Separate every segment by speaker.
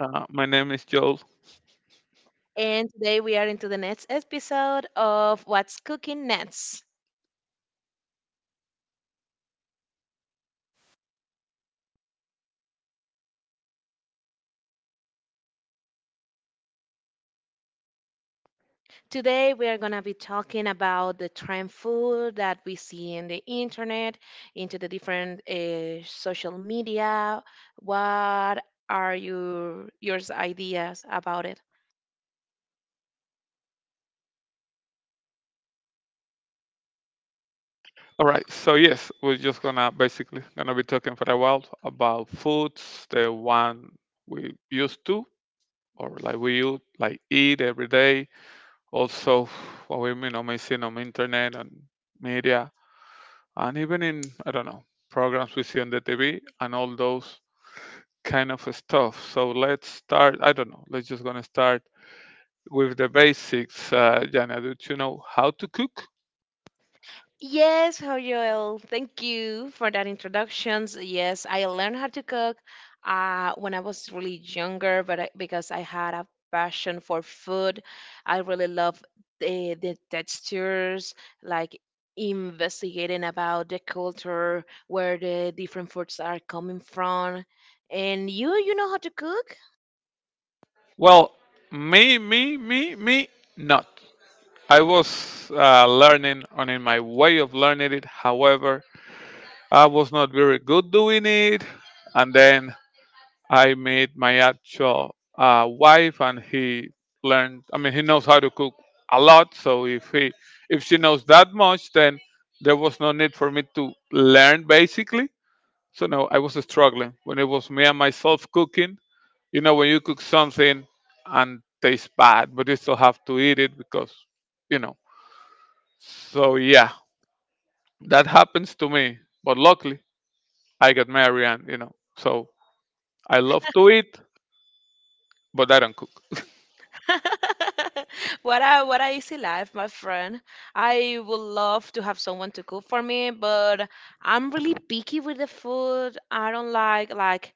Speaker 1: My name is Joel.
Speaker 2: and today we are into the next episode of What's Cooking Next. Today we are going to be talking about the trend food that we see in the internet, into the different social media. What are your ideas about it?
Speaker 1: All right, so yes, we're just gonna basically gonna be talking for a while about foods, the one we used to or like we like eat every day. Also, what we you know may see on internet and media, and even in I don't know programs we see on the TV and all those kind of stuff. So let's start. I don't know. Let's just gonna start with the basics. Jana, do you know how to cook?
Speaker 2: Yes, how Joel. Thank you for that introductions. Yes, I learned how to cook when I was really younger, but because I had a passion for food, I really love the textures, like investigating about the culture, where the different foods are coming from. And you know how to cook?
Speaker 1: Well, me not. I was learning and in my way of learning it. However, I was not very good doing it. And then I met my actual wife, and he learned. I mean, he knows how to cook a lot. So if she knows that much, then there was no need for me to learn basically. So no, I was struggling when it was me and myself cooking. You know, when you cook something and tastes bad, but you still have to eat it because, you know. So yeah, that happens to me. But luckily, I got married and, you know, so I love to eat, but I don't cook.
Speaker 2: What a easy life, my friend. I would love to have someone to cook for me, but I'm really picky with the food. I don't like,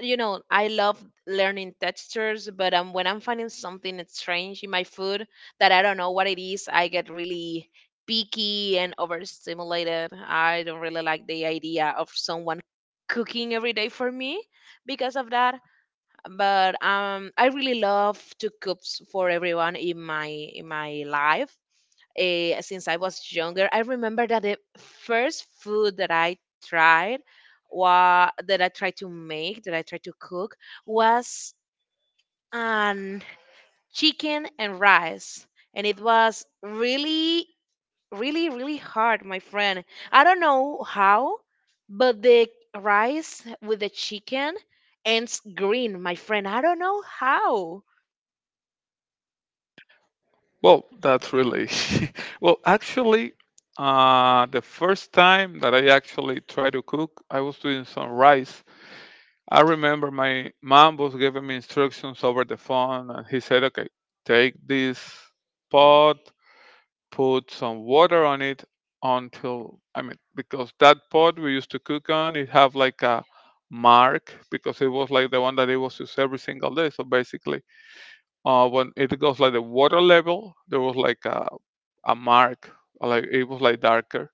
Speaker 2: you know, I love learning textures, but when I'm finding something strange in my food that I don't know what it is, I get really picky and overstimulated. I don't really like the idea of someone cooking every day for me because of that, but I really love to cook for everyone in my life. Since I was younger, I remember that the first food that I tried, that I tried to make, that I tried to cook, was an chicken and rice, and it was really, really, really hard, my friend. I don't know how, but the rice with the chicken ends green, my friend. I don't know how.
Speaker 1: Well, that's really, well, actually, the first time that I actually tried to cook, I was doing some rice. I remember my mom was giving me instructions over the phone, and he said, okay, take this pot, put some water on it until I mean because that pot we used to cook on it have like a mark because it was like the one that it was used every single day. So basically, when it goes like the water level, there was like a mark, like it was like darker.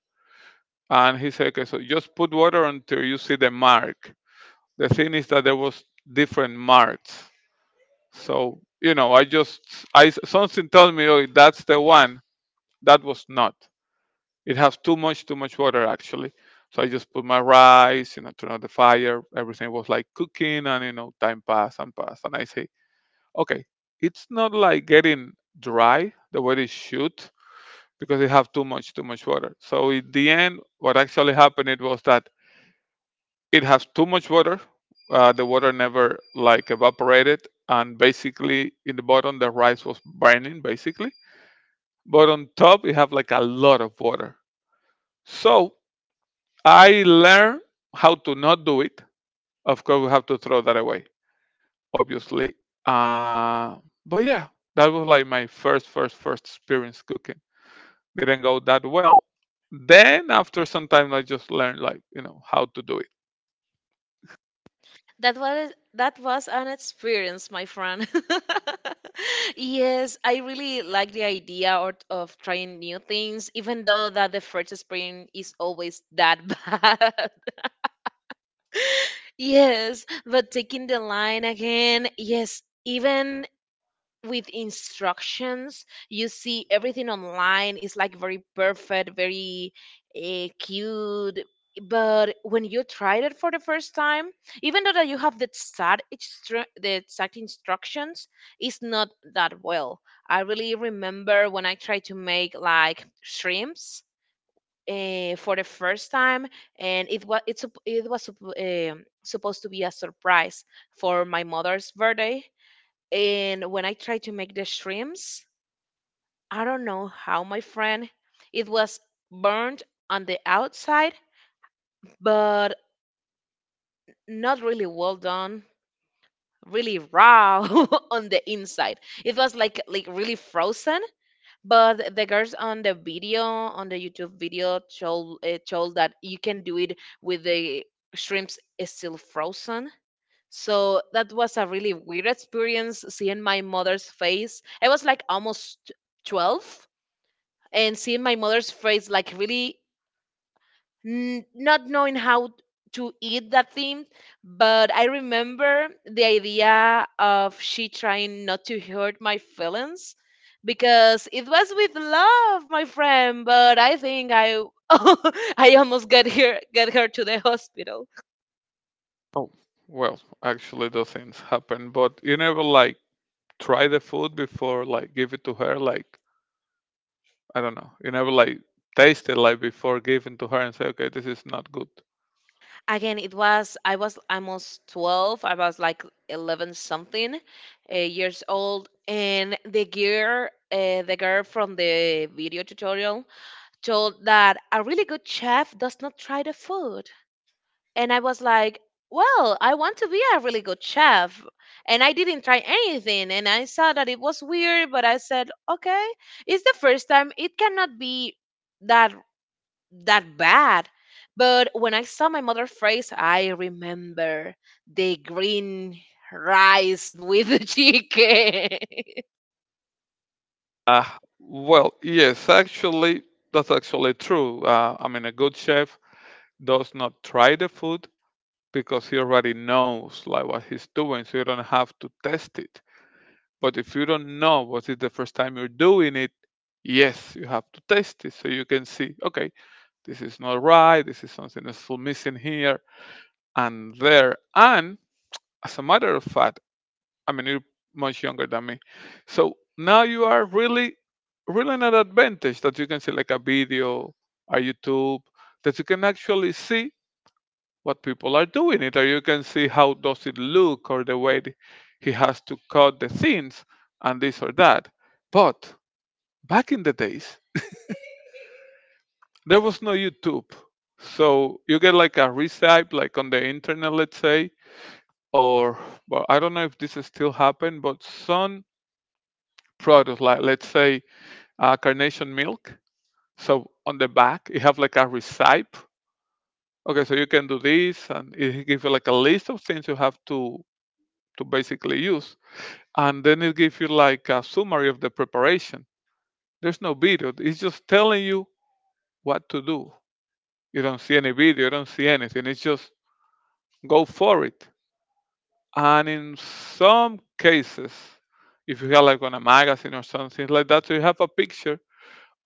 Speaker 1: And he said, okay, so just put water until you see the mark. The thing is that there was different marks. So you know, I just I something tells me, oh, that's the one. That was not. It has too much water actually. So I just put my rice, you know, turn on the fire. Everything was like cooking, and you know, time passed and passed. And I say, okay, it's not like getting dry the way it should because it have too much water. So in the end, what actually happened it was that it has too much water. The water never like evaporated, and basically in the bottom the rice was burning basically. But on top it have like a lot of water. So I learned how to not do it. Of course, we have to throw that away, obviously. Uh, but yeah, that was like my first experience cooking. Didn't go that well. Then after some time, I just learned like you know how to do it.
Speaker 2: That was an experience, my friend. Yes, I really like the idea or of trying new things, even though that the first experience is always that bad. Yes, but taking the line again, yes, even with instructions. You see everything online is like very perfect, very cute. But when you tried it for the first time, even though that you have the exact instructions, it's not that well. I really remember when I tried to make like shrimps for the first time, and it was supposed to be a surprise for my mother's birthday, and when I tried to make the shrimps, I don't know how, my friend, it was burnt on the outside, but not really well done, really raw on the inside. It was like really frozen. But the girls on the video, on the YouTube video, told told that you can do it with the shrimps is still frozen. So that was a really weird experience, seeing my mother's face. I was like almost 12, and seeing my mother's face like really not knowing how to eat that thing. But I remember the idea of she trying not to hurt my feelings because it was with love, my friend, but I think I I almost get her to the hospital.
Speaker 1: Oh, well, actually, those things happen. But you never like try the food before like give it to her. Like I don't know, you never like taste it like before giving to her and say, okay, this is not good.
Speaker 2: Again, it was, I was almost 12, I was like 11 something years old, and the girl from the video tutorial told that a really good chef does not try the food, and I was like, well, I want to be a really good chef, and I didn't try anything, and I saw that it was weird, but I said okay, it's the first time, it cannot be that that bad. But when I saw my mother phrase, I remember the green rice with the chicken.
Speaker 1: Uh, well, yes, actually, that's actually true. I mean, a good chef does not try the food because he already knows like what he's doing, so you don't have to test it. But if you don't know what is the first time you're doing it, yes, you have to test it so you can see, okay, this is not right, this is something that's still missing here and there. And as a matter of fact, I mean, you're much younger than me. So now you are really, really in an advantage that you can see like a video, a YouTube, that you can actually see what people are doing it, or you can see how does it look, or the way he has to cut the things, and this or that. But back in the days, there was no YouTube, so you get like a recipe, like on the internet, let's say, or well, I don't know if this is still happen, but some products, like let's say carnation milk. So on the back, you have like a recipe. Okay, so you can do this, and it gives you like a list of things you have to basically use, and then it gives you like a summary of the preparation. There's no video; it's just telling you what to do. You don't see any video, you don't see anything. It's just go for it. And in some cases, if you have like on a magazine or something like that, so you have a picture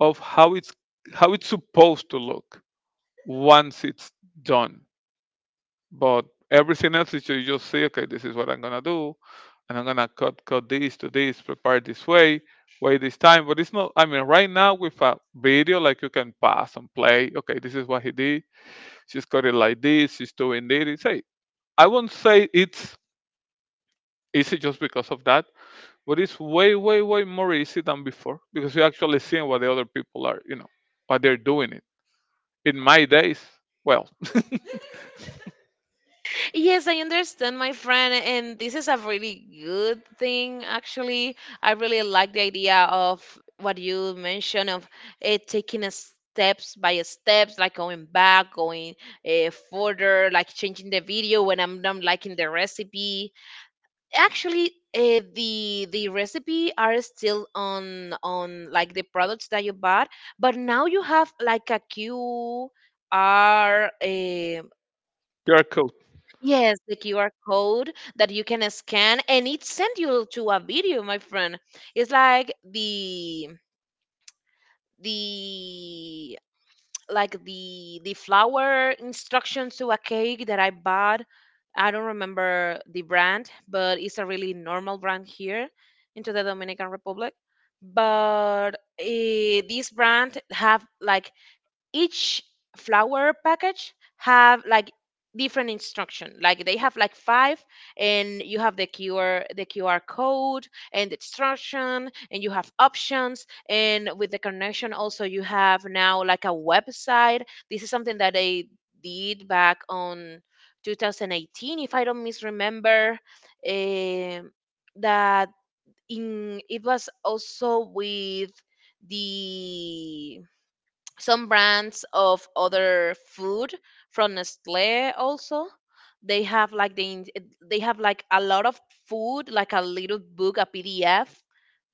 Speaker 1: of how it's supposed to look once it's done. But everything else is you just say, okay, this is what I'm gonna do, and I'm gonna cut this to this, prepare this way, wait this time. But it's not. I mean, right now with a video, like you can pass and play. Okay, this is what he did. She's cut it like this. She's doing this. It's, hey, I won't say it's easy just because of that, but it's way more easy than before because you're actually seeing what the other people are, you know, what they're doing. It in my days, well,
Speaker 2: Yes, I understand, my friend. And this is a really good thing, actually. I really like the idea of what you mentioned of it taking a steps by steps, like going back, going further, like changing the video when I'm not liking the recipe. Actually, the recipe are still on like the products that you bought, but now you have like a qr, um
Speaker 1: you're cool.
Speaker 2: yes, the qr, code that you can scan, and it send you to a video, my friend. It's like the like the flour instructions to a cake that I bought. I don't remember the brand, but it's a really normal brand here into the Dominican Republic. But this brand have like each flower package have like different instruction, like they have like five, and you have the qr, the qr code and the instruction, and you have options, and with the connection also you have now like a website. This is something that I did back on 2018, if I don't misremember. Um, that in it was also with the some brands of other food from Nestle also. They have like they have like a lot of food, like a little book, a PDF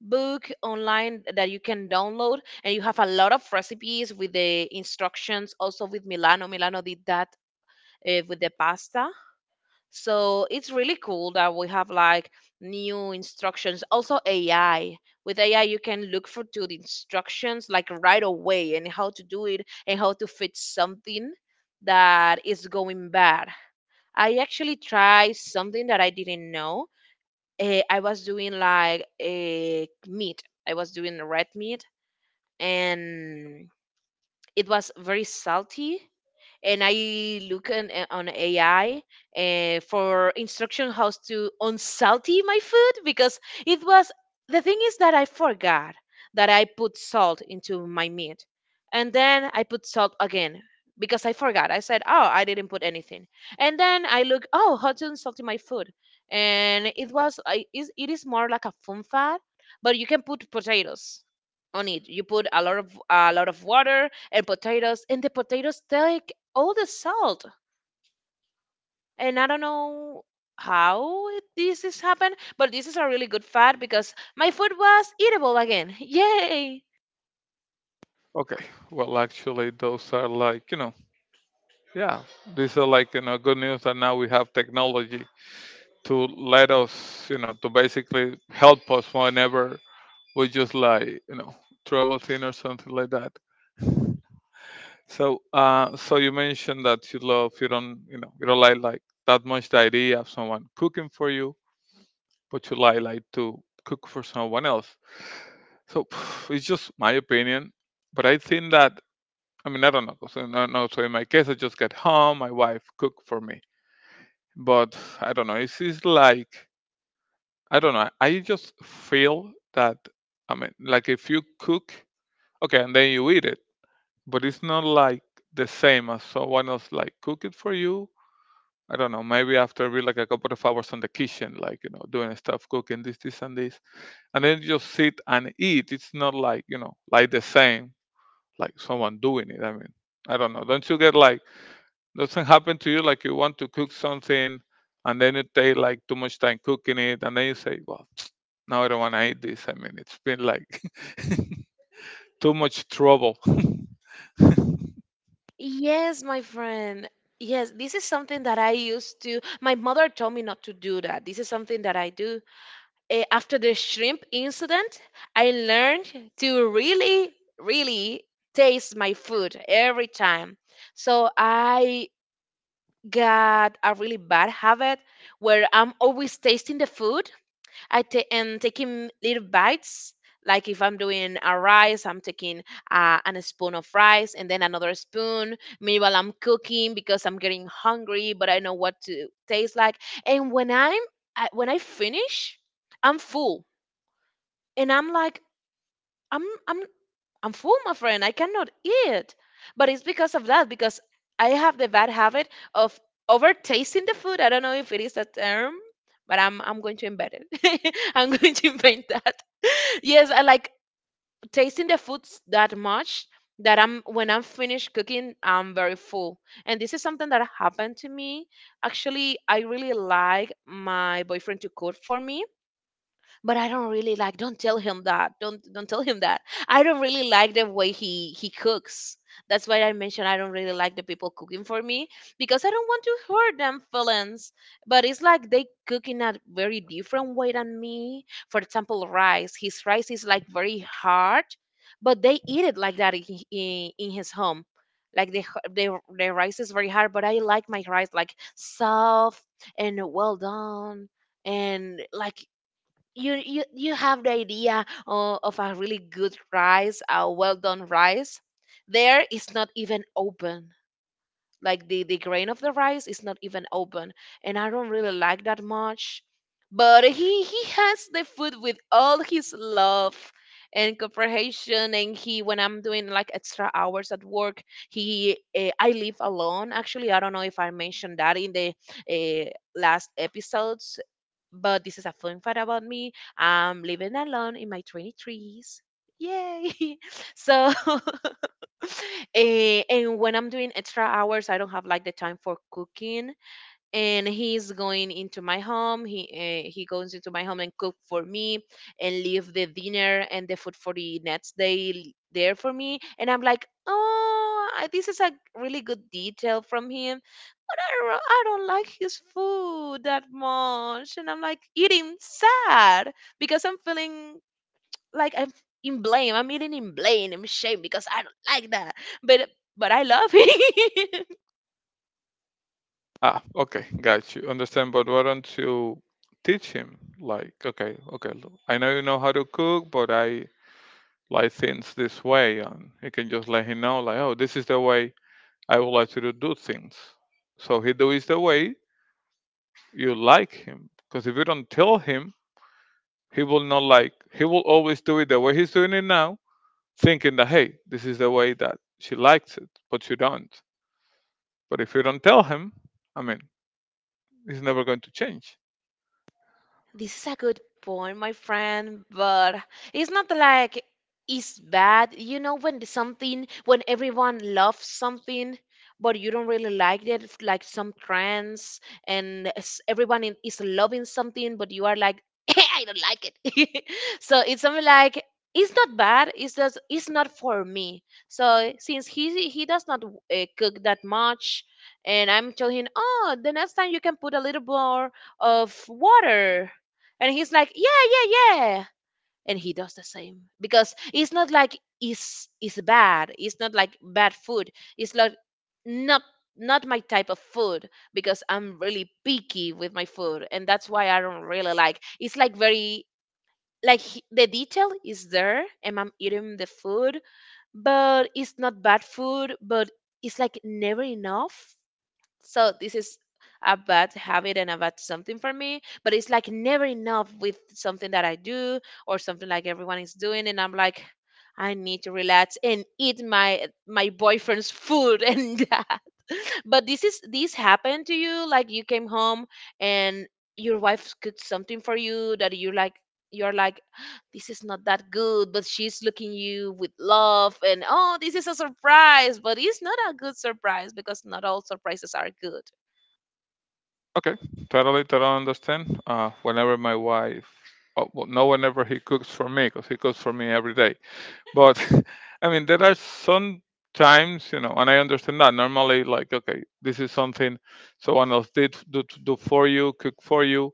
Speaker 2: book online that you can download, and you have a lot of recipes with the instructions. Also with Milano. Milano did that, with the pasta, so it's really cool that we have like new instructions. Also AI. With AI you can look for to the instructions like right away, and how to do it and how to fix something that is going bad. I actually tried something that I didn't know. I was doing like a meat. I was doing red meat, and it was very salty, and I on AI for instruction how to unsalty my food because it was, the thing is that I forgot that I put salt into my meat, and then I put salt again because I forgot. I said, "Oh, I didn't put anything," and then I look, "Oh, how to unsalt my food," and it was, I is, it is more like a fun fat, but you can put potatoes on it. You put a lot of water and potatoes, and the potatoes take all the salt, and I don't know how this has happened, but this is a really good fact because my food was eatable again. Yay.
Speaker 1: Okay. Well, actually, those are like, you know, yeah, these are like, you know, good news that now we have technology to let us, you know, to basically help us whenever we just like, you know, troubleshooting or something like that. So, so you mentioned that you love, you don't, you know, you don't like that much the idea of someone cooking for you, but you like to cook for someone else. So, it's just my opinion, but I think that I mean, I don't know. So, no, no. So in my case, I just get home. My wife cook for me. But I don't know. It's like I don't know. I just feel that I mean, like if you cook, okay, and then you eat it, but it's not like the same as someone else like cook it for you. I don't know. Maybe after be like a couple of hours in the kitchen, like you know, doing stuff, cooking this, this, and this, and then you just sit and eat. It's not like you know, like the same, like someone doing it. I mean, I don't know. Don't you get like doesn't happen to you like you want to cook something and then you take like too much time cooking it and then you say, well, now I don't want to eat this. I mean, it's been like too much trouble.
Speaker 2: Yes, my friend, yes, this is something that I used to, my mother told me not to do that, this is something that I do. After the shrimp incident, I learned to really, really taste my food every time, so I got a really bad habit where I'm always tasting the food. I take, and taking little bites. Like if I'm doing a rice, I'm taking an spoon of rice, and then another spoon. Meanwhile, I'm cooking because I'm getting hungry, but I know what to taste like. And when I finish, I'm full, and I'm like I'm I'm I'm full, my friend. I cannot eat, but it's because of that, because I have the bad habit of over tasting the food. I don't know if it is a term, but I'm going to embed it. I'm going to invent that. Yes, I like tasting the foods that much that I'm when I'm finished cooking, I'm very full. And this is something that happened to me. Actually, I really like my boyfriend to cook for me, but I don't really like, don't tell him that. Don't tell him that. I don't really like the way he cooks. That's why I mentioned I don't really like the people cooking for me because I don't want to hurt them feelings. But it's like they cook in a very different way than me. For example, rice. His rice is like very hard, but they eat it like that in in his home. Like the, h- the rice is very hard, but I like my rice like soft and well done, and like you have the idea of a really good rice, a well done rice. There it's not even open. Like the grain of the rice is not even open, and I don't really like that much. But he has the food with all his love and comprehension. And he, when I'm doing like extra hours at work, he I live alone actually, I don't know if I mentioned that in the uh, last episode, but this is a fun fact about me. I'm living alone in my 23s. Yay! So, and when I'm doing extra hours, I don't have like the time for cooking, and he goes into my home and cook for me and leave the dinner and the food for the next day there for me, and I'm like, oh, this is a really good detail from him, but I don't like his food that much, and I'm like eating sad because I'm feeling like I'm in blame, I'm eating in blame, I'm ashamed because I don't like that, but but I love him.
Speaker 1: Ah, okay, got you. Understand, but why don't you teach him? Like, okay, look, I know you know how to cook, but I like things this way, and you can just let him know, like, oh, this is the way I would like you to do things. So he do is the way you like him, because if you don't tell him, he will not like, he will always do it the way he's doing it now, thinking that, hey, this is the way that she likes it, but you don't. But if you don't tell him, I mean, he's never going to change.
Speaker 2: This is a good point, my friend, but it's not like it's bad. You know, when something, when everyone loves something, but you don't really like it, like some trends, and everyone is loving something, but you are like, I don't like it. So it's something like, it's not bad. It's just it's not for me. So since he does not cook that much, and I'm telling him, oh, the next time you can put a little more of water, and he's like, yeah, yeah, yeah. And he does the same because it's not like it's bad. It's not like bad food. It's like not not my type of food because I'm really picky with my food, and that's why I don't really like. It's like very like the detail is there, and I'm eating the food, but it's not bad food, but it's like never enough. So this is a bad habit and a bad something for me, but it's like never enough with something that I do or something like everyone is doing, and I'm like, I need to relax and eat my boyfriend's food. And that, but this happened to you, like you came home and your wife cooked something for you that you're like, this is not that good, but she's looking you with love, and oh, this is a surprise, but it's not a good surprise because not all surprises are good.
Speaker 1: Okay, totally understand. Whenever my wife, oh, well, no, whenever he cooks for me, because he cooks for me every day. But I mean, there are some times, you know, and I understand that. Normally, like, okay, this is something someone else did do for you, cook for you,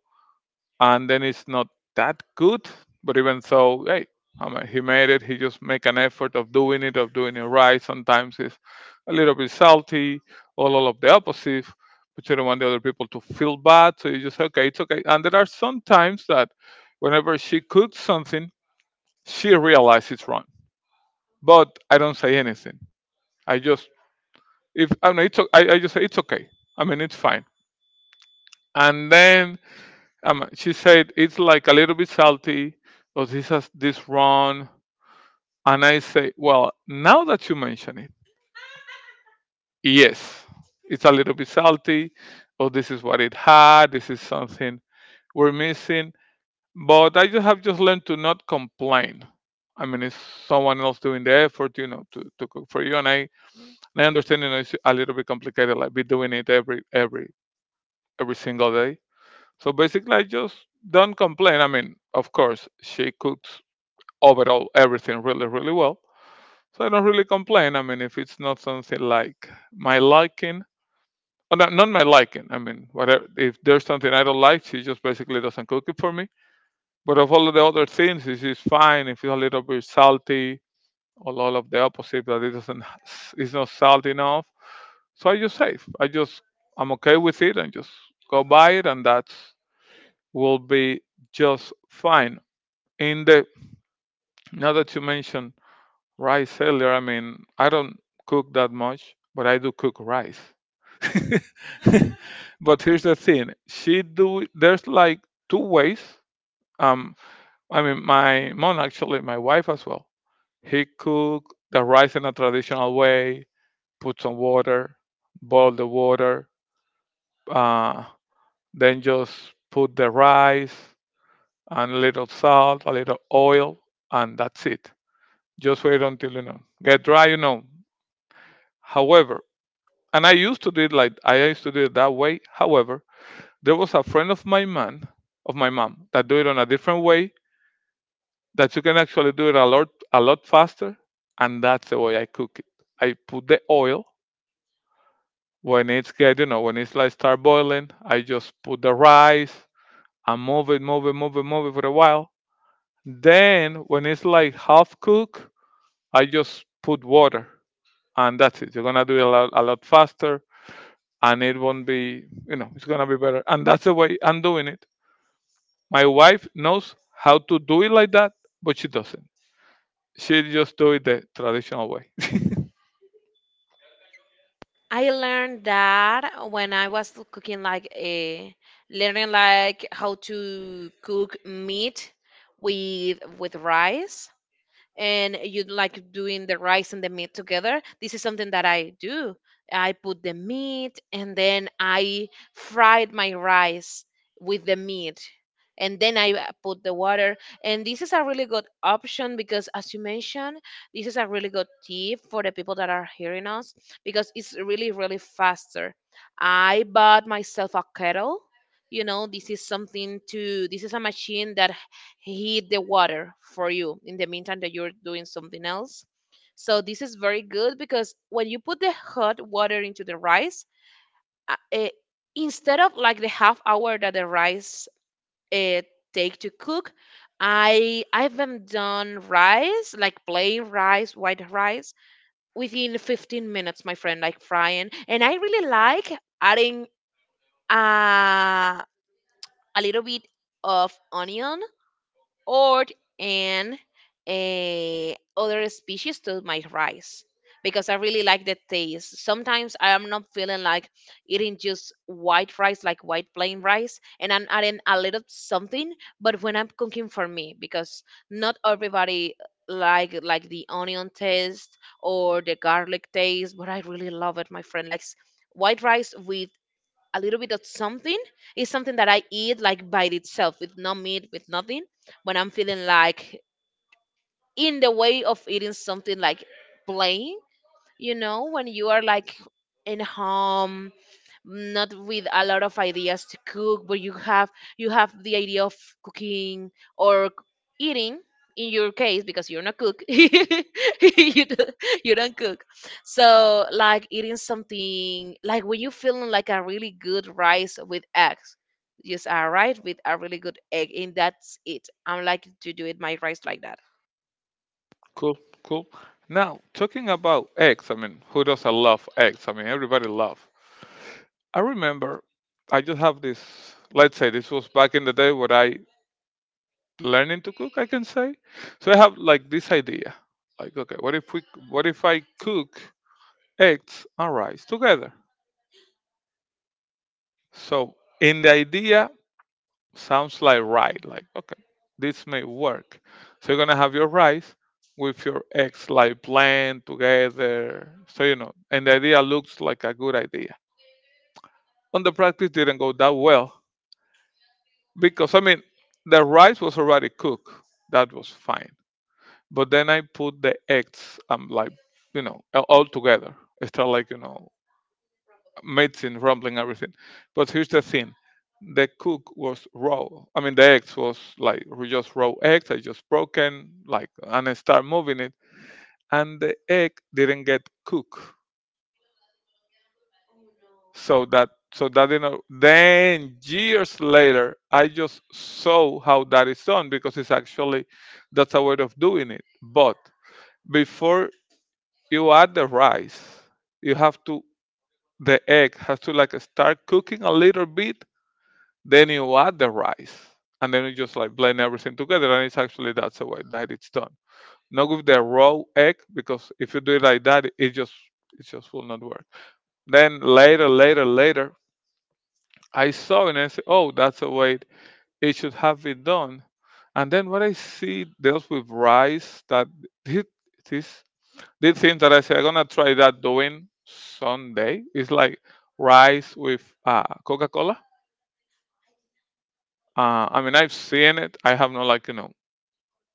Speaker 1: and then it's not that good. But even so, hey, I mean, he made it. He just make an effort of doing it right. Sometimes it's a little bit salty, all of the opposite. But you don't want the other people to feel bad, so you just okay, it's okay. And there are some times that whenever she cooks something, she realizes it's wrong. But I don't say anything. I just if I mean, I just say it's okay. I mean, it's fine. And then she said it's like a little bit salty, or this has this wrong. And I say, well, now that you mention it, yes, it's a little bit salty, or this is what it had. This is something we're missing. But I just have just learned to not complain. I mean, it's someone else doing the effort, you know, to cook for you. And I understand, you know, it's a little bit complicated, like be doing it every every single day. So basically, I just don't complain. I mean, of course, she cooks overall everything really, really well. So I don't really complain. I mean, if it's not something like my liking, or not my liking, I mean, whatever, if there's something I don't like, she just basically doesn't cook it for me. But of all of the other things, it's just fine. If it's a little bit salty, or all of the opposite, that it doesn't, it's not salty enough. So I just save. I just, I'm okay with it and just go buy it, and that will be just fine. In the, now that you mention. Rice earlier. I mean, I don't cook that much, but I do cook rice. But here's the thing: she do. There's like two ways. Um, I mean, my mom actually, my wife as well. He cook the rice in a traditional way. Put some water, boil the water, uh, then just put the rice and a little salt, a little oil, and that's it. Just wait until you know get dry. You know. However, and I used to do it like I used to do it that way. However, there was a friend of my man, of my mom, that do it on a different way that you can actually do it a lot faster, and that's the way I cook it. I put the oil when it's get, you know, when it's like start boiling. I just put the rice and move it for a while. Then when it's like half cooked, I just put water, and that's it. You're gonna do it a lot faster and it won't be you know it's gonna be better and that's the way I'm doing it. My wife knows how to do it like that, but she doesn't. She just do it the traditional way.
Speaker 2: I learned that when I was cooking like a learning like how to cook meat with rice, and you like doing the rice and the meat together. This is something that I do. I put the meat and then I fried my rice with the meat, and then I put the water. And this is a really good option because, as you mentioned, this is a really good tip for the people that are hearing us because it's really, really faster. I bought myself a kettle. You know, this is something to, this is a machine that heat the water for you in the meantime that you're doing something else. So this is very good because when you put the hot water into the rice, uh, eh, instead of like the half hour that the rice uh, take to cook, I've been done rice, like plain rice, white rice within 15 minutes, my friend, like frying. And I really like adding uh, a little bit of onion or in a other species to my rice because I really like the taste. Sometimes I am not feeling like eating just white rice, like white plain rice, and I'm adding a little something. But when I'm cooking for me, because not everybody like the onion taste or the garlic taste, but I really love it, my friend. Like white rice with a little bit of something is something that I eat like by itself with no meat, with nothing. When I'm feeling like in the way of eating something like plain, you know, when you are like in home, not with a lot of ideas to cook, but you have the idea of cooking or eating, in your case, because you're not cook. You don't cook. So like eating something like when you're feeling like a really good rice with eggs, just a rice with a really good egg, and that's it. I'm like to do it my rice like that.
Speaker 1: Cool. Cool. Now talking about eggs, I mean, who doesn't love eggs? I mean, everybody love. I remember I just have this, let's say, this was back in the day when I learning to cook, I can say. So I have like this idea, like okay, what if I cook eggs and rice together? So in the idea sounds like right. Like, okay, this may work. So you're gonna have your rice with your eggs like blend together. So you know, and the idea looks like a good idea. On the practice didn't go that well because I mean the rice was already cooked. That was fine. But then I put the eggs like you know all together. It's not like you know medicine, rumbling, everything. But here's the thing: the cook was raw. I mean, the eggs was like just raw eggs. I just broken like and I start moving it, and the egg didn't get cooked. So that so that didn't. Then years later, I just saw how that is done because it's actually that's a way of doing it. But before you add the rice, you have to the egg has to like start cooking a little bit. Then you add the rice, and then you just like blend everything together, and it's actually that's the way that it's done. Not with the raw egg, because if you do it like that, it just will not work. Then later, I saw it and I said, oh, that's the way it should have been done. And then what I see deals with rice that did this these things that I say I'm gonna try that doing Sunday. It's like rice with Coca Cola. I mean, I've seen it. I have not like you know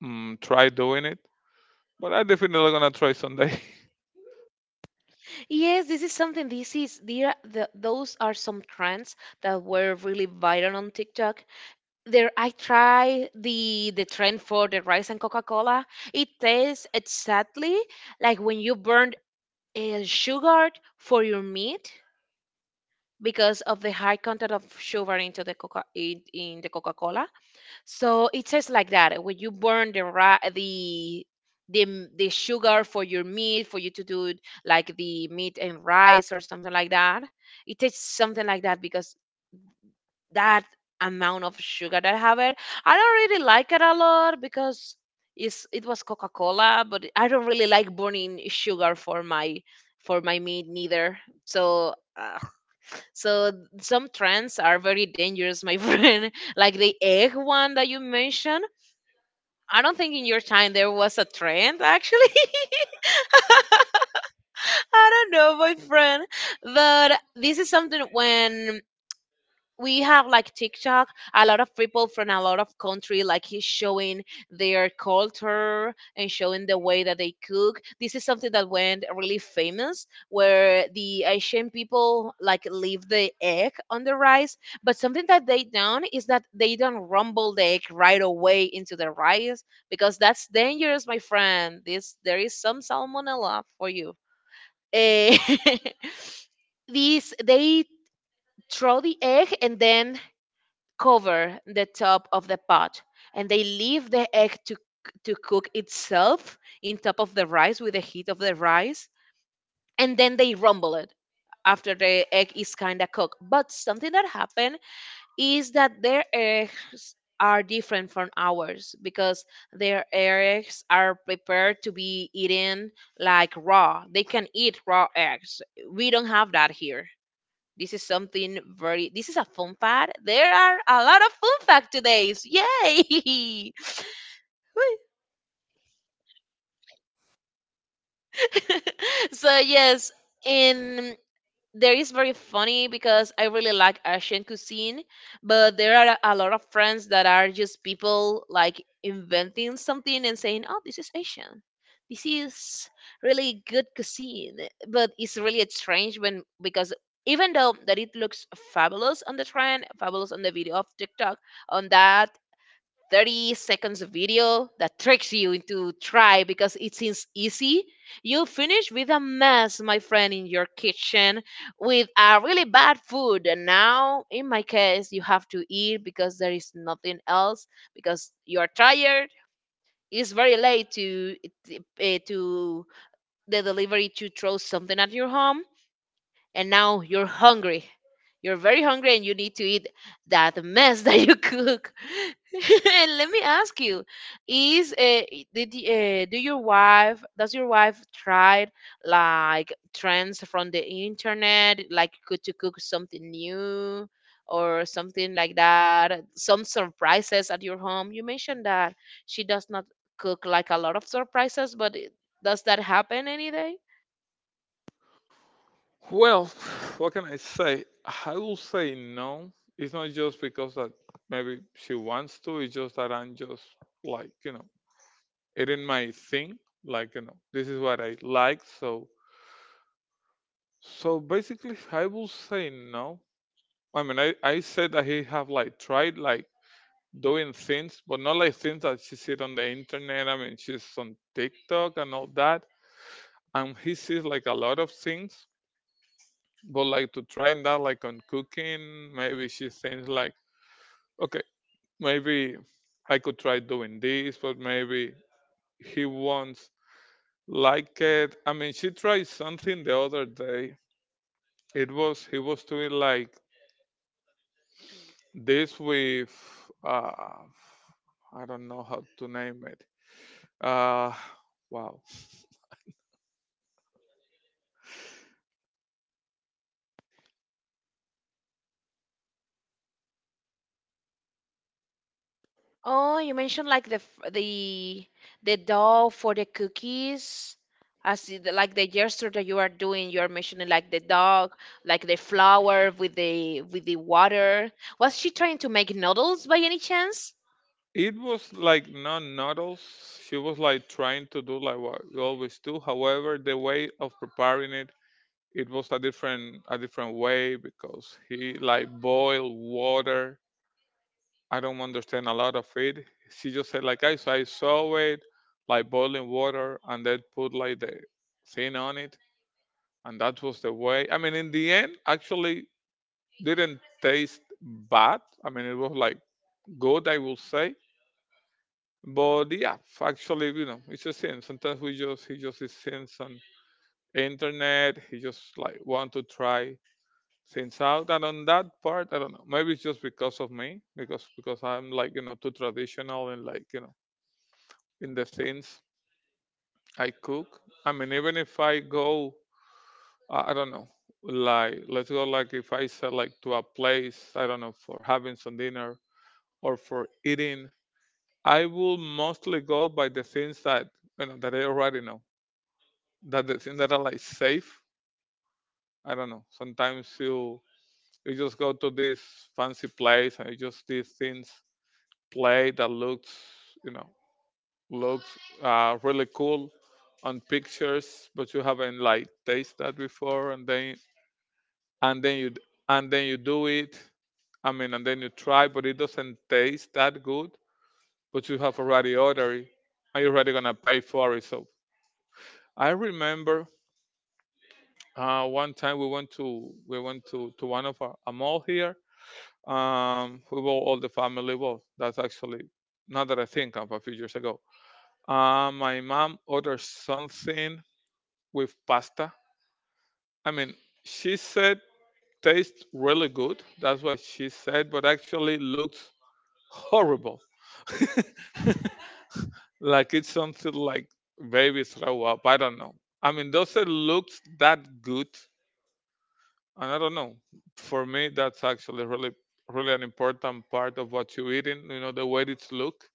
Speaker 1: try doing it, but I definitely gonna try someday.
Speaker 2: Yes, this is something. The those are some trends that were really viral on TikTok. There I try the trend for the rice and Coca-Cola. It tastes exactly like when you burned sugar for your meat because of the high content of sugar into in the Coca-Cola. So it tastes like that when you burn the ri- the m- the sugar for your meat for you to do like the meat and rice or something like that. It tastes something like that because that amount of sugar that I have it. I don't really like it a lot because it was Coca Cola, but I don't really like burning sugar for my meat neither. So uh, so some trends are very dangerous, my friend. Like the egg one that you mentioned. I don't think in your time there was a trend actually. I don't know, my friend. But this is something when we have like TikTok, a lot of people from a lot of country like is showing their culture and showing the way that they cook. This is something that went really famous where the Asian people like leave the egg on the rice, but something that they don't is that they don't rumble the egg right away into the rice because that's dangerous, my friend. This there is some salmonella for you. Eh, these they throw the egg and then cover the top of the pot, and they leave the egg to cook itself in top of the rice with the heat of the rice, and then they rumble it after the egg is kind of cooked. But something that happened is that their eggs are different from ours because their eggs are prepared to be eaten like raw. They can eat raw eggs. We don't have that here. This is something very, this is a fun fact. There are a lot of fun fact today. Yay! So yes, in there is very funny because I really like Asian cuisine, but there are a lot of friends that are just people like inventing something and saying, "Oh, this is Asian. This is really good cuisine." But it's really strange when because even though that it looks fabulous on the trend, fabulous on the video of TikTok, on that 30 seconds of video that tricks you into try because it seems easy. You finish with a mess, my friend, in your kitchen with a really bad food. And now, in my case, you have to eat because there is nothing else because you are tired. It's very late to uh, to the delivery to throw something at your home, and now you're hungry. You're very hungry and you need to eat that mess that you cook. And let me ask you, is do your wife, does your wife try like trends from the internet, like could to cook something new or something like that, some surprises at your home? You mentioned that she does not cook like a lot of surprises, but does that happen any day?
Speaker 1: Well, what can I say? I will say no. It's not just because that maybe she wants to. It's just that I'm just like you know, it in my thing. Like you know, this is what I like. So so basically, I will say no. I mean, I said that he have like tried like doing things, but not like things that she sees on the internet. I mean, she's on TikTok and all that, and he sees like a lot of things. But like to try that, like on cooking, maybe she thinks like, okay, maybe I could try doing this, but maybe he won't like it. I mean, she tried something the other day. It was he was doing like this with uh, I don't know how to name it. Uh, wow.
Speaker 2: Oh, you mentioned like the dough for the cookies. As the, like the gesture that you are doing. You are mentioning like the dog, like the flour with the water. Was she trying to make noodles by any chance?
Speaker 1: It was like not noodles. She was like trying to do like what we always do. However, the way of preparing it, it was a different way because he like boiled water. I don't understand a lot of it. She just said like I so I saw it like boiling water and then put like the thing on it and that was the way. I mean in the end actually didn't taste bad. I mean it was like good, I will say. But yeah, actually, you know, it's a sin. Sometimes we just he just is sins on internet. He just like want to try things out. And on that part, I don't know. Maybe it's just because of me, because I'm like you know too traditional and like you know in the things I cook. I mean, even if I go, I don't know, like let's go like if I said like to a place, I don't know, for having some dinner or for eating, I will mostly go by the things that you know that I already know, that the things that are like safe. I don't know. Sometimes you just go to this fancy place and you just these things play that looks you know looks really cool on pictures, but you haven't like tasted that before, and then and then you d- and then you do it. I mean, and then you try, but it doesn't taste that good. But you have already ordered it, and you're already gonna pay for it. So I remember one time we went to one of our a mall here. We bought all the family well. That's actually now that I think of a few years ago. My mom ordered something with pasta. I mean, she said tastes really good. That's what she said, but actually looks horrible. Like it's something like baby throw up. I don't know. I mean, does it look that good? And I don't know. For me, that's actually really, really an important part of what you eating. You know, the way it's look.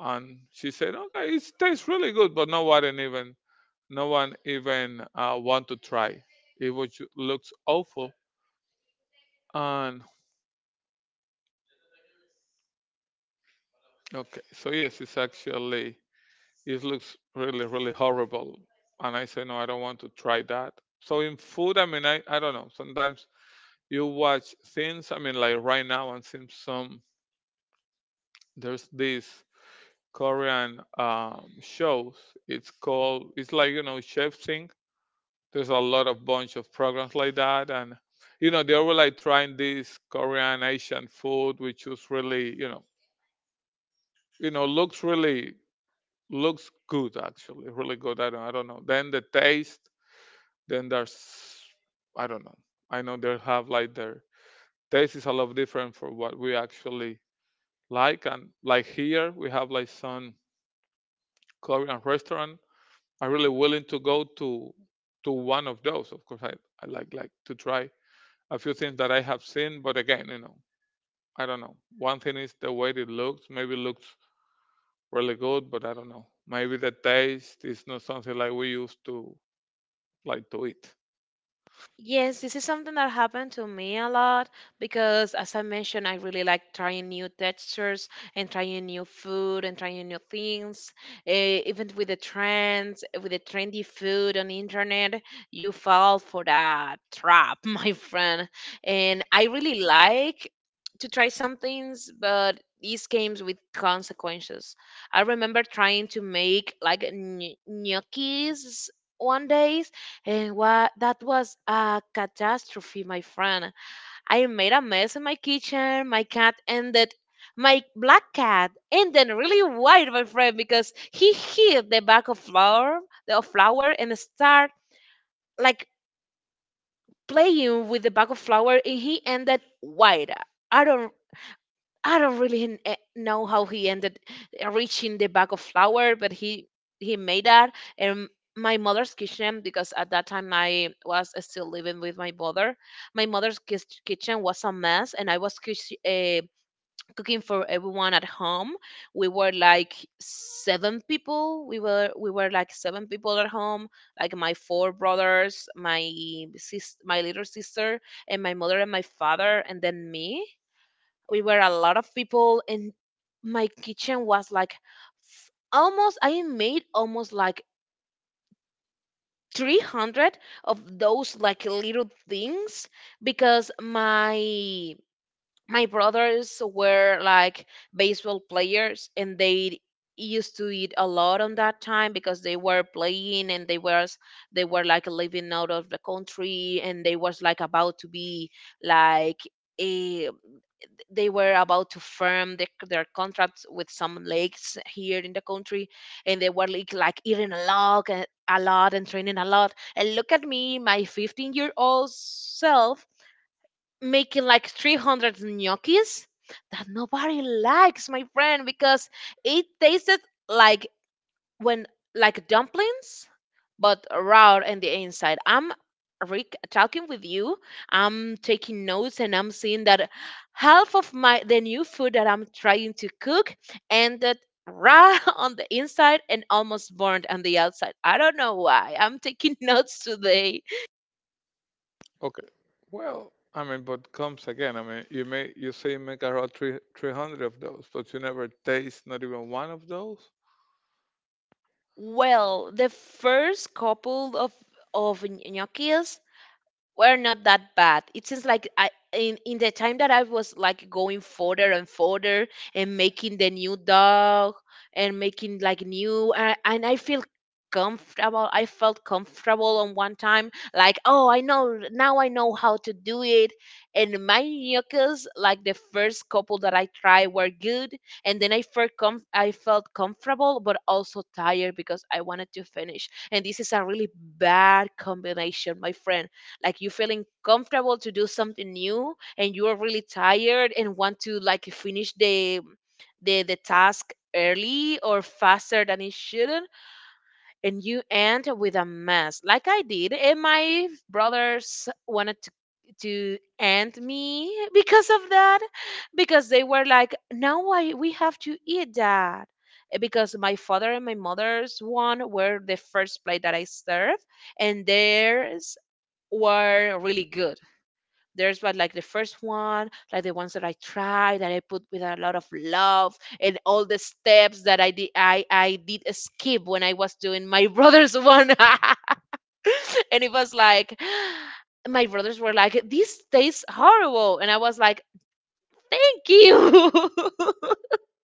Speaker 1: And she said, okay, it tastes really good, but no one even want to try. It was looks awful. And okay, so yes, it's actually it looks really, really horrible. And I say, no, I don't want to try that. So in food, I mean, I don't know. Sometimes you watch things. I mean, like right now, and seems some there's this. Korean shows. It's called, it's like, you know, Chef Sync. There's a lot of bunch of programs like that. And, you know, they were like trying this Korean Asian food, which was really, you know, looks really, looks good, actually, really good. I don't know. Then the taste, then there's, I don't know. I know they have like their taste is a lot different for what we actually like. And like here, we have like some Korean restaurant I'm really willing to go to one of those. Of course, I like to try a few things that I have seen, but again, you know, I don't know. One thing is the way it looks. Maybe it looks really good, but I don't know. Maybe the taste is not something like we used to like to eat.
Speaker 2: Yes, this is something that happened to me a lot because, as I mentioned, I really like trying new textures and trying new food and trying new things. Eh, even with the trends, with the trendy food on the internet, you fall for that trap, my friend. And I really like to try some things, but these games with consequences. I remember trying to make like gnocchis one day, and what that was a catastrophe, my friend. I made a mess in my kitchen. My black cat ended really white, my friend, because he hit the bag of flour and start like playing with the bag of flour, and he ended white. I don't I don't really know how he ended reaching the bag of flour, but he made that. And my mother's kitchen, because at that time I was still living with my mother, my mother's kitchen was a mess, and I was uh, cooking for everyone at home. We were like 7 people. We were like 7 people at home, like my 4 brothers, my little sister, and my mother and my father, and then me. We were a lot of people, and my kitchen was like almost, I made almost like 300 of those like little things, because my brothers were like baseball players, and they used to eat a lot on that time because they were playing, and they were like living out of the country, and they was like about to be like, they were about to firm their contracts with some lakes here in the country. And they were like eating a lot and training a lot, and look at me, my 15-year-old year old self making like 300 gnocchis that nobody likes, my friend, because it tasted like when like dumplings, but raw in the inside. I'm Rick talking with you. I'm taking notes and I'm seeing that half of my the new food that I'm trying to cook ended raw on the inside and almost burnt on the outside. I don't know why. I'm taking notes today.
Speaker 1: Okay. Well, I mean, but comes again. I mean, you may you say you make around three hundred of those, but you never taste not even one of those.
Speaker 2: Well, the first couple of gnocchis were not that bad. It seems like I in the time that I was like going further and further and making the new dog and making like new and I felt comfortable on one time like, oh, I know, now I know how to do it. And my yuccas, like the first couple that I tried, were good, and then I felt comfortable but also tired because I wanted to finish, and this is a really bad combination, my friend. Like, you're feeling comfortable to do something new and you're really tired and want to like finish the the task early or faster than it shouldn't, and you end with a mess like I did, and my brothers wanted to end me because of that, because they were like, now we have to eat that. Because my father and my mother's one were the first plate that I served, and theirs were really good. There's what, like the first one, like the ones that I tried that I put with a lot of love, and all the steps that I did I did skip when I was doing my brother's one. And it was like, my brothers were like, this tastes horrible, and I was like, thank you.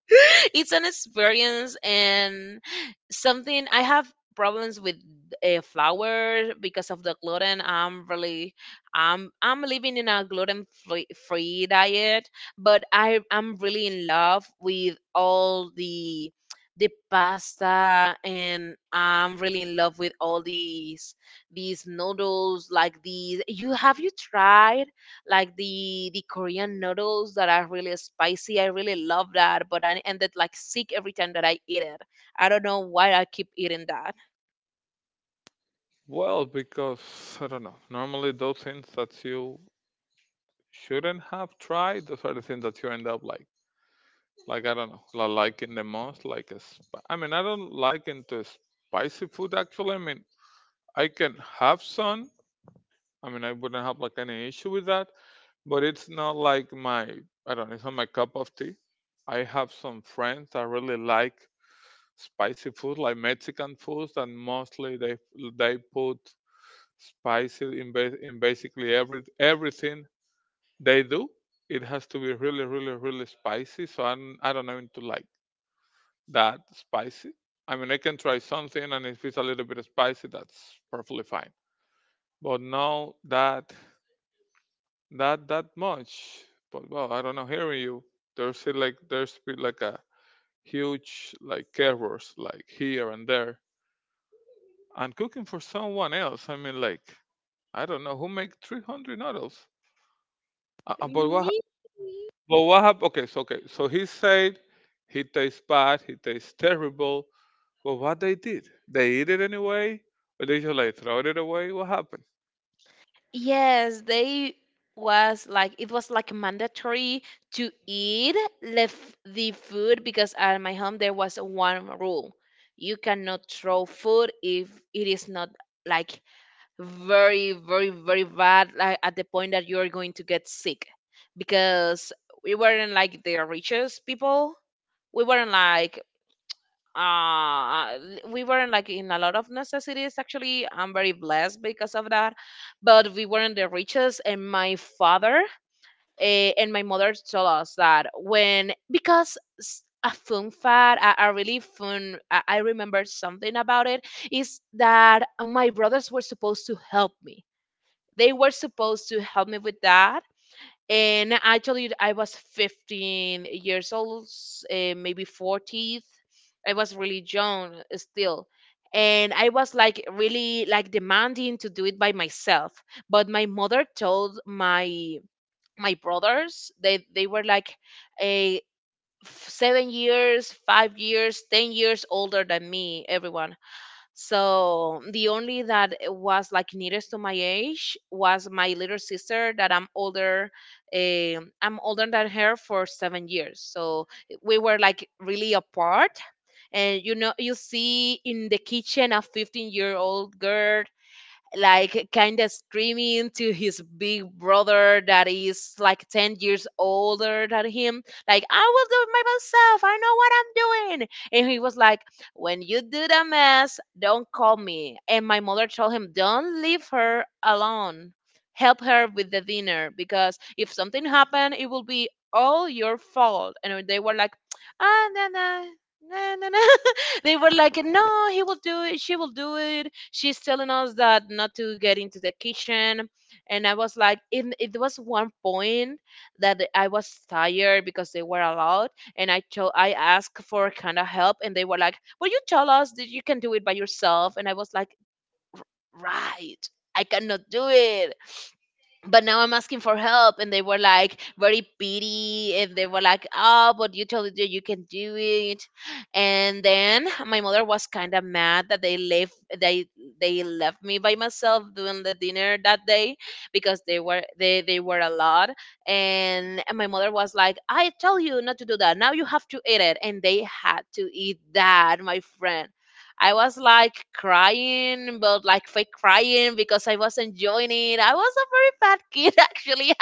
Speaker 2: It's an experience, and something I have problems with, flour because of the gluten. I'm really I'm living in a gluten free diet, but I'm really in love with all the pasta, and I'm really in love with all these noodles like these. You tried like the Korean noodles that are really spicy? I really love that, but I ended like sick every time that I eat it. I don't know why I keep eating that.
Speaker 1: Well, because I don't know. Normally, those things that you shouldn't have tried, those are the things that you end up like I don't know, like liking the most. Like, I mean, I don't like into spicy food actually. I mean, I can have some. I mean, I wouldn't have like any issue with that, but it's not like my, I don't know, it's not my cup of tea. I have some friends that really like spicy food, like Mexican foods, and mostly they put spicy in, in basically everything they do. It has to be really, really, really spicy. So I don't even to like that spicy. I mean, I can try something, and if it's a little bit spicy, that's perfectly fine. But no, that much. But well, I don't know. Hearing you, there's been like a huge like errors like here and there, and cooking for someone else. I mean, like I don't know who make 300 noodles. Uh, uh, but what
Speaker 2: Me?
Speaker 1: But what happened? Okay, so he said he tastes bad, he tastes terrible. But what they did? They eat it anyway, or they just like throw it away? What happened?
Speaker 2: Yes, they was like it was like mandatory to eat left the food, because at my home there was one rule. You cannot throw food if it is not like very, very, very bad, like at the point that you're going to get sick, because we weren't like the richest people, we weren't like uh we weren't like in a lot of necessities. Actually, I'm very blessed because of that, but we weren't the richest. And my father, and my mother told us that, when, because, a fun fact, a really fun, I remember something about it, is that my brothers were supposed to help me. They were supposed to help me with that. And actually, I was 15 years old, maybe 40th. I was really young still. And I was like really like demanding to do it by myself. But my mother told my brothers, they were like a 7 years, 5 years, 10 years older than me, everyone. So the only that, was like nearest to my age was my little sister that I'm older. I'm older than her for 7 years. So, we were like really apart. And you know, you see in the kitchen a 15-year-old girl like kind of screaming to his big brother that is like 10 years older than him, like, I will do it by myself, I know what I'm doing. And he was like, when you do the mess, don't call me. And my mother told him, don't leave her alone, help her with the dinner, because if something happened it will be all your fault. And they were like, no, no, no, no, no. They were like, no, he will do it. She will do it. She's telling us that not to get into the kitchen. And I was like, it was one point that I was tired because they were allowed. And I asked for kind of help. And they were like, will you tell us that you can do it by yourself? And I was like, right. I cannot do it, but now I'm asking for help. And they were like very pity, and they were like, oh, but you told you can do it. And then my mother was kinda mad that they left me by myself doing the dinner that day, because they were a lot. And my mother was like, I tell you not to do that. Now you have to eat it. And they had to eat that, my friend. I was like crying, but like fake crying because I was enjoying it. I was a very bad kid actually.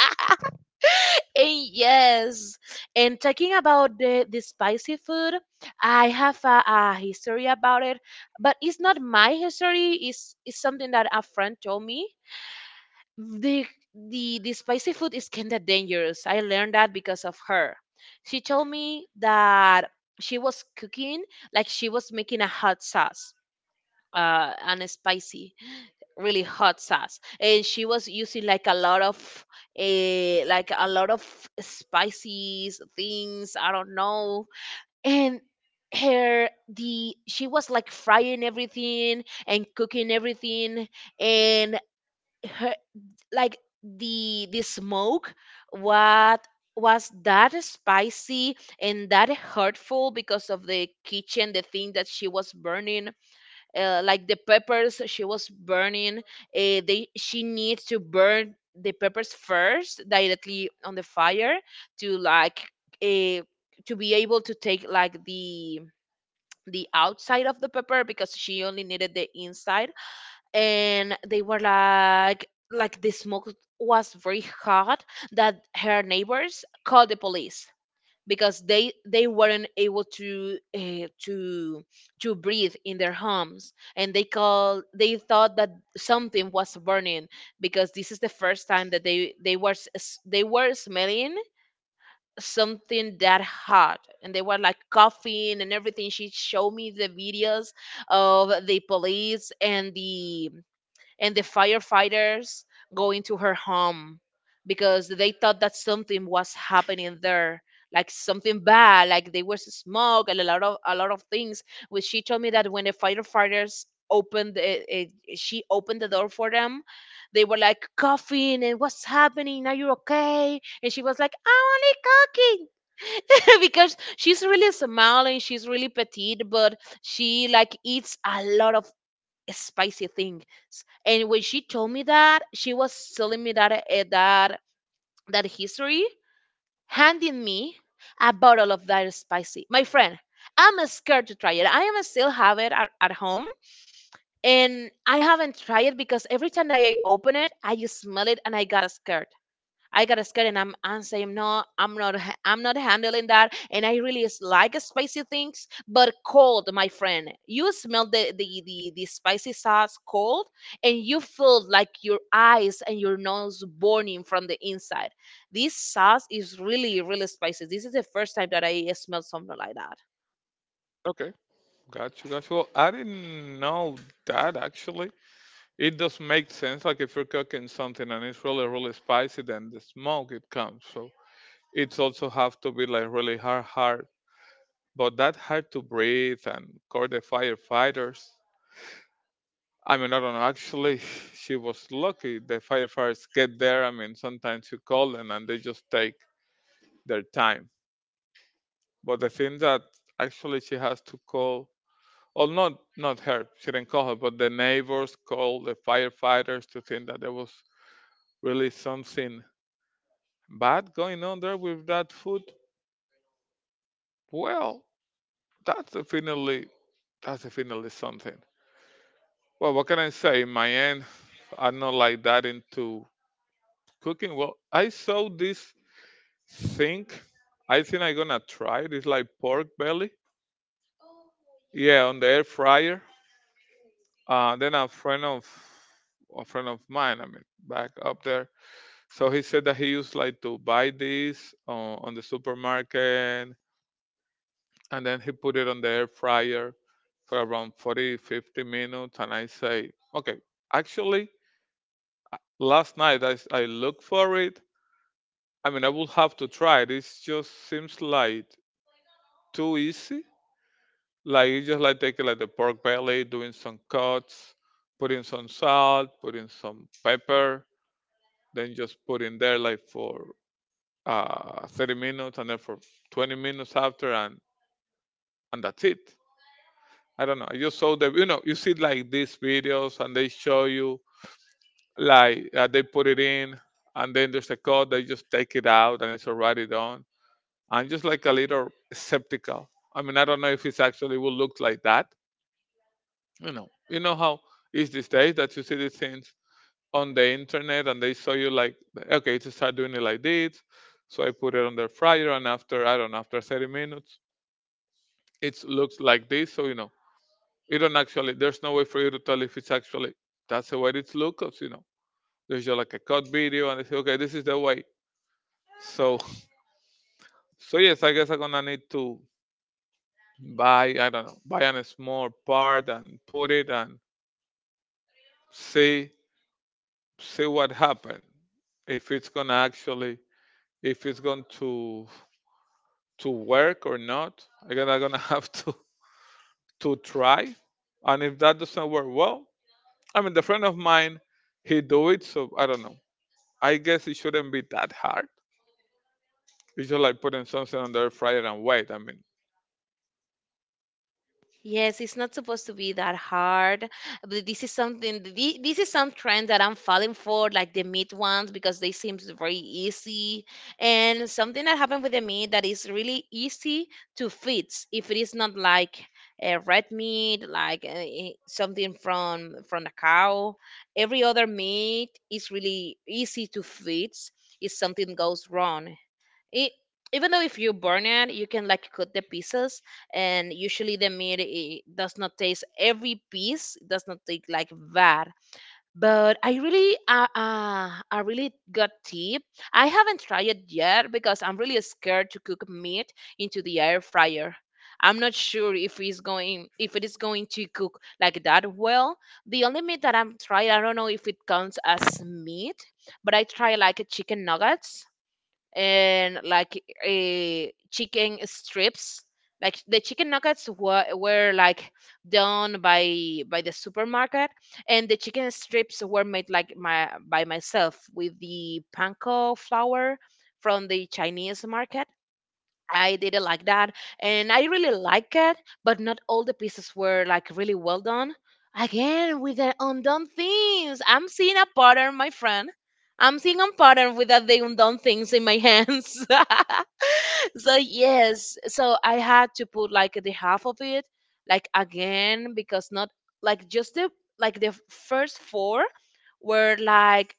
Speaker 2: And yes, and talking about the spicy food, I have a history about it, but it's not my history. It's something that a friend told me. The, the spicy food is kind of dangerous. I learned that because of her. She told me that she was cooking, like she was making a hot sauce, and spicy, really hot sauce. And she was using like a lot of, like a lot of spices things, I don't know. And her the she was like frying everything and cooking everything, and her like the smoke what was that spicy and that hurtful because of the kitchen, the thing that she was burning, like the peppers. She was burning, they she needs to burn the peppers first directly on the fire to like uh, to be able to take like the outside of the pepper, because she only needed the inside. And they were like the smoke was very hot that her neighbors called the police, because they weren't able to, to breathe in their homes. And they thought that something was burning, because this is the first time that they were smelling something that hot, and they were like coughing and everything. She showed me the videos of the police and the firefighters go into her home, because they thought that something was happening there, like something bad, like there was smoke and a lot of things. Which she told me that when the firefighters opened it, she opened the door for them, they were like coughing and, what's happening, are you okay? And she was like, I'm only cooking. Because she's really small and she's really petite, but she like eats a lot of spicy things. And when she told me that, she was telling me that, that history, handing me a bottle of that spicy. My friend, I'm scared to try it. I am still have it at home. And I haven't tried it because every time I open it, I just smell it and I got scared. I got scared, and I'm saying no, I'm not handling that. And I really is like spicy things, but cold, my friend. You smell the the spicy sauce cold, and you feel like your eyes and your nose burning from the inside. This sauce is really really spicy. This is the first time that I smelled something like that.
Speaker 1: Okay, got you, got you. Well, I didn't know that actually. It does make sense. Like if you're cooking something and it's really, really spicy, then the smoke it comes. So it's also have to be like really hard, hard. But that hard to breathe and call the firefighters. I mean, I don't know. Actually, she was lucky. The firefighters get there. I mean, sometimes you call them and they just take their time. But the thing that actually she has to call, or not, not her. She didn't call her, but the neighbors called the firefighters to think that there was really something bad going on there with that food. Well, that's definitely that's definitely something. Well, what can I say? In my end, I'm not like that into cooking. Well, I saw this think I think I'm gonna try it. It's like pork belly. Yeah, on the air fryer. Then a friend of mine, I mean, back up there. So he said that he used like to buy this on the supermarket, and then he put it on the air fryer for around 40, 50 minutes. And I say, okay, actually, last night I looked for it. I mean, I will have to try it. It just seems like too easy. Like you just like take like the pork belly, doing some cuts, putting some salt, putting some pepper, then just put in there like for 30 minutes and then for 20 minutes after and that's it. I don't know. I just saw the you know, you see like these videos and they show you like they put it in, and then there's a cut, they just take it out and it's already done. I'm just like a little skeptical. I mean, I don't know if it's actually will look like that, you know. You know how it's these days, that you see these things on the internet and they show you, like, okay, to start doing it like this, so I put it on the fryer, and after, I don't know, after 30 minutes it looks like this. So you know, you don't actually, there's no way for you to tell if it's actually that's the way it looks, you know. There's just like a cut video and they say, okay, this is the way. So so yes, I guess I'm gonna need to buy, I don't know, buy a small part and put it and see, what happened, if it's gonna actually, if it's going to work or not. Again, gonna have to try, and if that doesn't work, well, I mean the friend of mine, he do it, so I don't know, I guess it shouldn't be that hard. It's just like putting something on the air fryer and wait. I mean,
Speaker 2: Yes, it's not supposed to be that hard. But this is this is some trend that I'm falling for, like the meat ones, because they seem very easy. And something that happened with the meat, that is really easy to fix if it is not like a red meat, like something from a cow. Every other meat is really easy to fix if something goes wrong. It, even though if you burn it, you can like cut the pieces, and usually the meat, it does not taste every piece, it does not take like that. But I really, I really got tip. I haven't tried it yet because I'm really scared to cook meat into the air fryer. I'm not sure if it is going to cook like that well. The only meat that I'm tried, I don't know if it counts as meat, but I try like a chicken nuggets and like, chicken strips. Like the chicken nuggets were like done by the supermarket, and the chicken strips were made like my by myself with the panko flour from the Chinese market. I did it like that, and I really like it, but not all the pieces were like really well done. Again, with the undone things, I'm seeing a pattern, my friend. I'm seeing a pattern with that the undone things in my hands. So yes, I had to put like the half of it, like again, because not like just the like the first four were like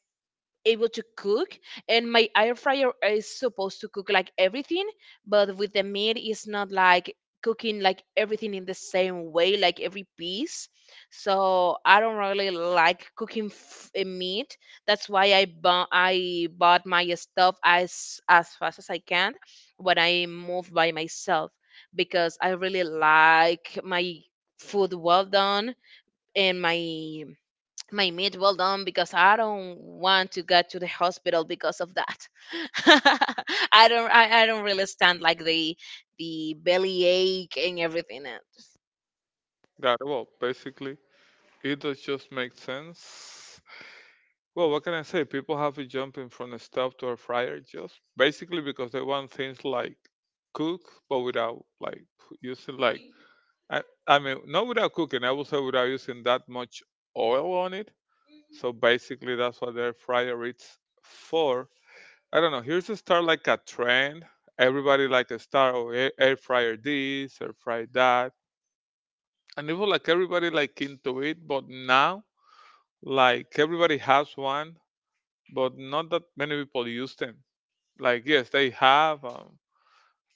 Speaker 2: able to cook. And my air fryer is supposed to cook like everything, but with the meat it's not like cooking like everything in the same way, like every piece. So I don't really like cooking meat. That's why I bought my stuff as fast as I can when I move by myself, because I really like my food well done and my meat well done, because I don't want to get to the hospital because of that. I don't really stand like the belly ache and everything else.
Speaker 1: that, well, basically, it does just make sense. Well, what can I say? People have been jumping from a stove to a fryer just basically because they want things like cook, but without like using like, I mean, not without cooking. I would say without using that much oil on it. So basically, that's what their fryer is for. I don't know. Here's a start like a trend. Everybody like a start, oh, air fryer this, air fryer that, and it was like everybody like into it. But now, like everybody has one, but not that many people use them. Like yes, they have.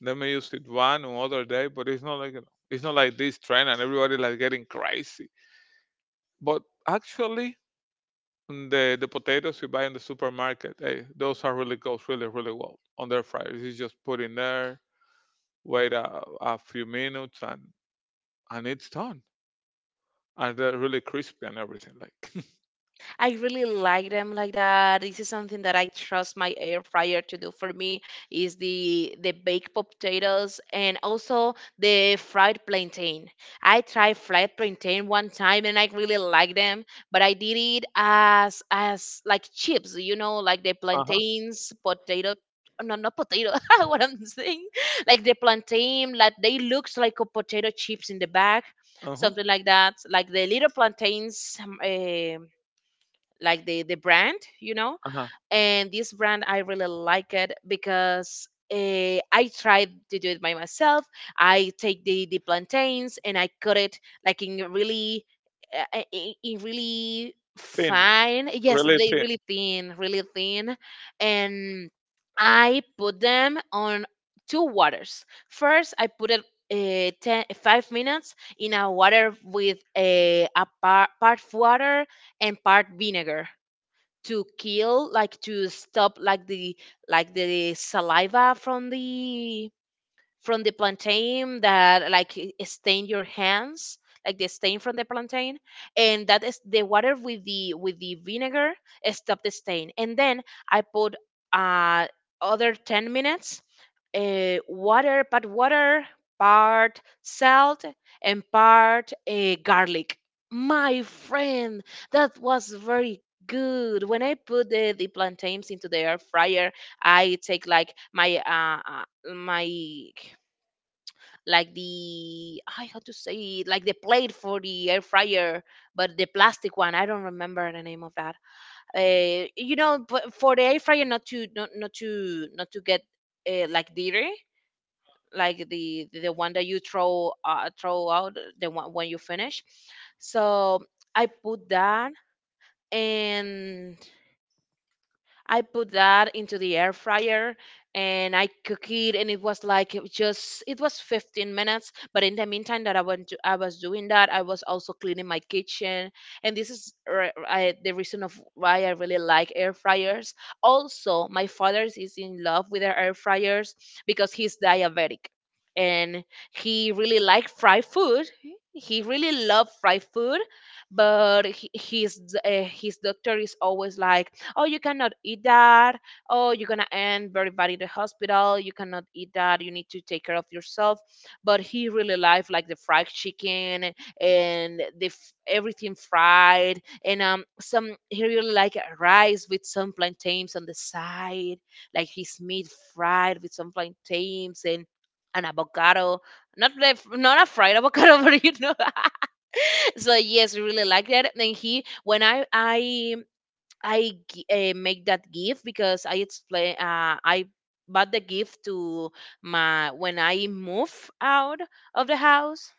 Speaker 1: They may use it one or other day, but it's not like, you know, it's not like this trend and everybody like getting crazy. But actually, the potatoes you buy in the supermarket, hey, those are really goes really really well on their fries. You just put in there, wait a few minutes, and it's done. And they're really crispy and everything. Like
Speaker 2: I really like them like that. This is something that I trust my air fryer to do for me is the baked potatoes and also the fried plantain. I tried fried plantain one time and I really like them, but I did it as like chips, you know, like the
Speaker 1: uh huh,
Speaker 2: plantains, potato. No, not potato. What I'm saying. Like the plantain, like they looks like a potato chips in the bag,
Speaker 1: uh huh,
Speaker 2: something like that. Like the little plantains, like the brand, you know.
Speaker 1: uh-huh.
Speaker 2: And this brand I really like it because I tried to do it by myself. I take the plantains and I cut it like in really in really
Speaker 1: Thin,
Speaker 2: fine. Yes,
Speaker 1: really
Speaker 2: they
Speaker 1: thin.
Speaker 2: really thin, really thin. And I put them on two waters. First I put it 10, 5 minutes in a water with part water and part vinegar, to kill, like to stop like the saliva from the, from the plantain that like stain your hands, like the stain from the plantain. And that is the water with the, with the vinegar stop the stain. And then I put uh other 10 minutes, water, part water, part salt, and part garlic. My friend, that was very good. When I put the plantains into the air fryer, I take like my uh my like the, I how to say it, like the plate for the air fryer, but the plastic one. I don't remember the name of that. You know, but for the air fryer, not to get like dirty, like the one that you throw throw out, the one when you finish. So I put that and I put that into the air fryer, and I cook it. And it was like, it just, it was 15 minutes, but in the meantime that I went to, I was doing that, I was also cleaning my kitchen. And this is the reason of why I really like air fryers. Also my father is in love with the air fryers because he's diabetic. And he really liked fried food, he really loved fried food. But he, his doctor is always like, oh, you cannot eat that, oh, you're gonna end very bad in the hospital, you cannot eat that, you need to take care of yourself. But he really liked like the fried chicken and everything fried. And um, some, he really like rice with some plantains on the side, like his meat fried with some plantains and an avocado. Not the, not a fried avocado but you know. So yes, we really like that. And he, when I make that gift, because I explain, I bought the gift to my, when I move out of the house.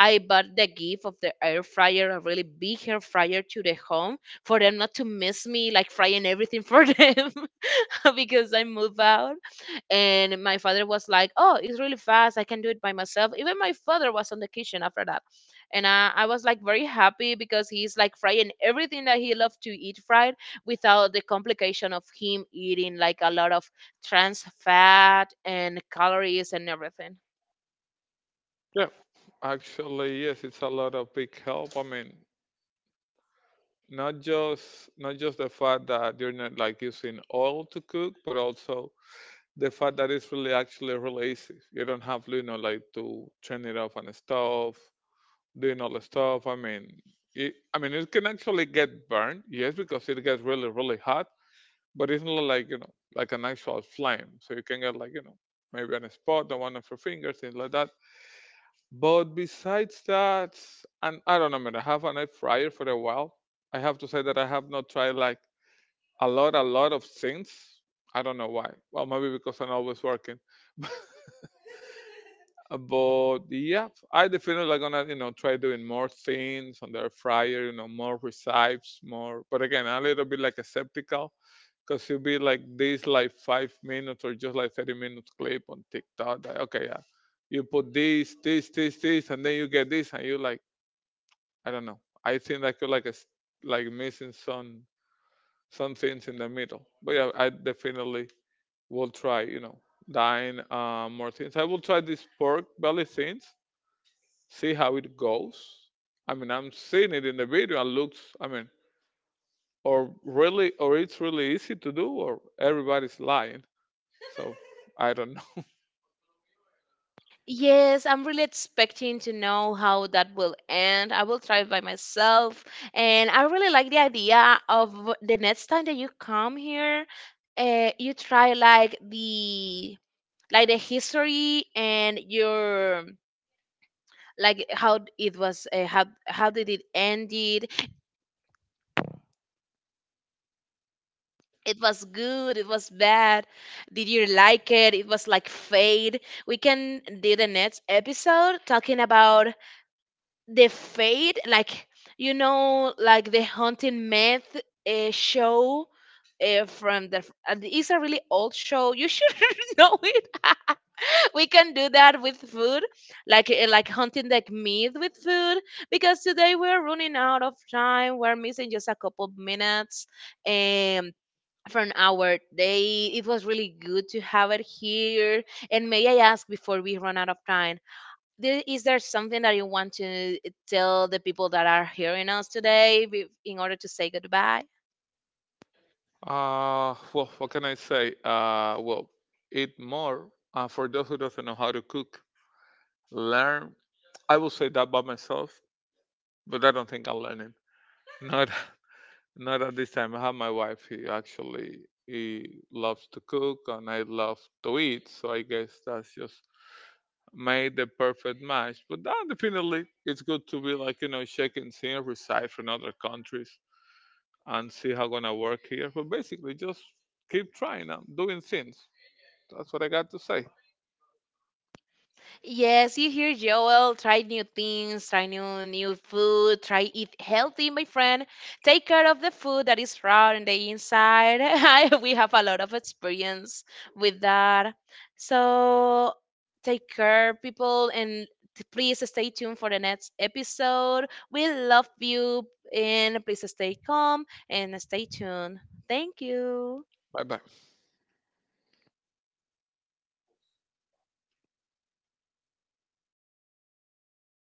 Speaker 2: I bought the gift of the air fryer, a really big air fryer, to the home, for them not to miss me like frying everything for them. Because I moved out. And my father was like, oh, it's really fast, I can do it by myself. Even my father was on the kitchen after that. And I was like very happy because he's like frying everything that he loved to eat fried, without the complication of him eating like a lot of trans fat and calories and everything.
Speaker 1: Yeah. Actually, yes, it's a lot of big help. I mean, not just, not just the fact that you're not like using oil to cook, but also the fact that it's really actually relaxes. You don't have, you know, like to turn it off and stuff, doing all the stuff. I mean, it, I mean, it can actually get burned, yes, because it gets really really hot, but it's not like, you know, like an actual flame, so you can get like, you know, maybe an spot on one of your fingers, things like that. But besides that, and I don't know, man, I have an air fryer for a while. I have to say that I have not tried like a lot of things. I don't know why. Well, maybe because I'm always working. But yeah, I definitely like gonna, you know, try doing more things on the air fryer. You know, more recipes, more. But again, a little bit like a skeptical, because you'll be like this, like 5 minutes or just like 30 minutes clip on TikTok. Like, okay, yeah, you put this, this, this, this, and then you get this, and you like, I don't know. I think I could like a, like missing some things in the middle. But yeah, I definitely we'll try, you know, dying more things. I will try this pork belly things, see how it goes. I mean, I'm seeing it in the video and looks, I mean, or really, or it's really easy to do, or everybody's lying. So I don't know.
Speaker 2: Yes, I'm really expecting to know how that will end. I will try it by myself. And I really like the idea of the next time that you come here, you try like the, like the history and your, like how it was, how did it ended, it was good, it was bad, did you like it was like fade. We can do the next episode talking about the fate, like, you know, like the haunting myth, show, from the it's a really old show, you should know it. We can do that with food, like hunting like myth with food, because today we're running out of time, we're missing just a couple of minutes um from our day. It was really good to have it here. And may I ask, before we run out of time, there, is there something that you want to tell the people that are hearing us today in order to say goodbye?
Speaker 1: Well, what can I say? Well, eat more. For those who doesn't know how to cook, learn. I will say that by myself, but I don't think I'll learn it. Not Not at this time. I have my wife. He actually he loves to cook and I love to eat. So I guess that's just made the perfect match. But definitely, it's good to be like, you know, shaking and see from other countries and see how gonna work here. But basically, just keep trying and doing things. That's what I got to say.
Speaker 2: Yes, you hear Joel, try new things, try new food, try eat healthy, my friend. Take care of the food that is raw on the inside. I, we have a lot of experience with that. So take care, people, and please stay tuned for the next episode. We love you, and please stay calm and stay tuned. Thank you.
Speaker 1: Bye bye.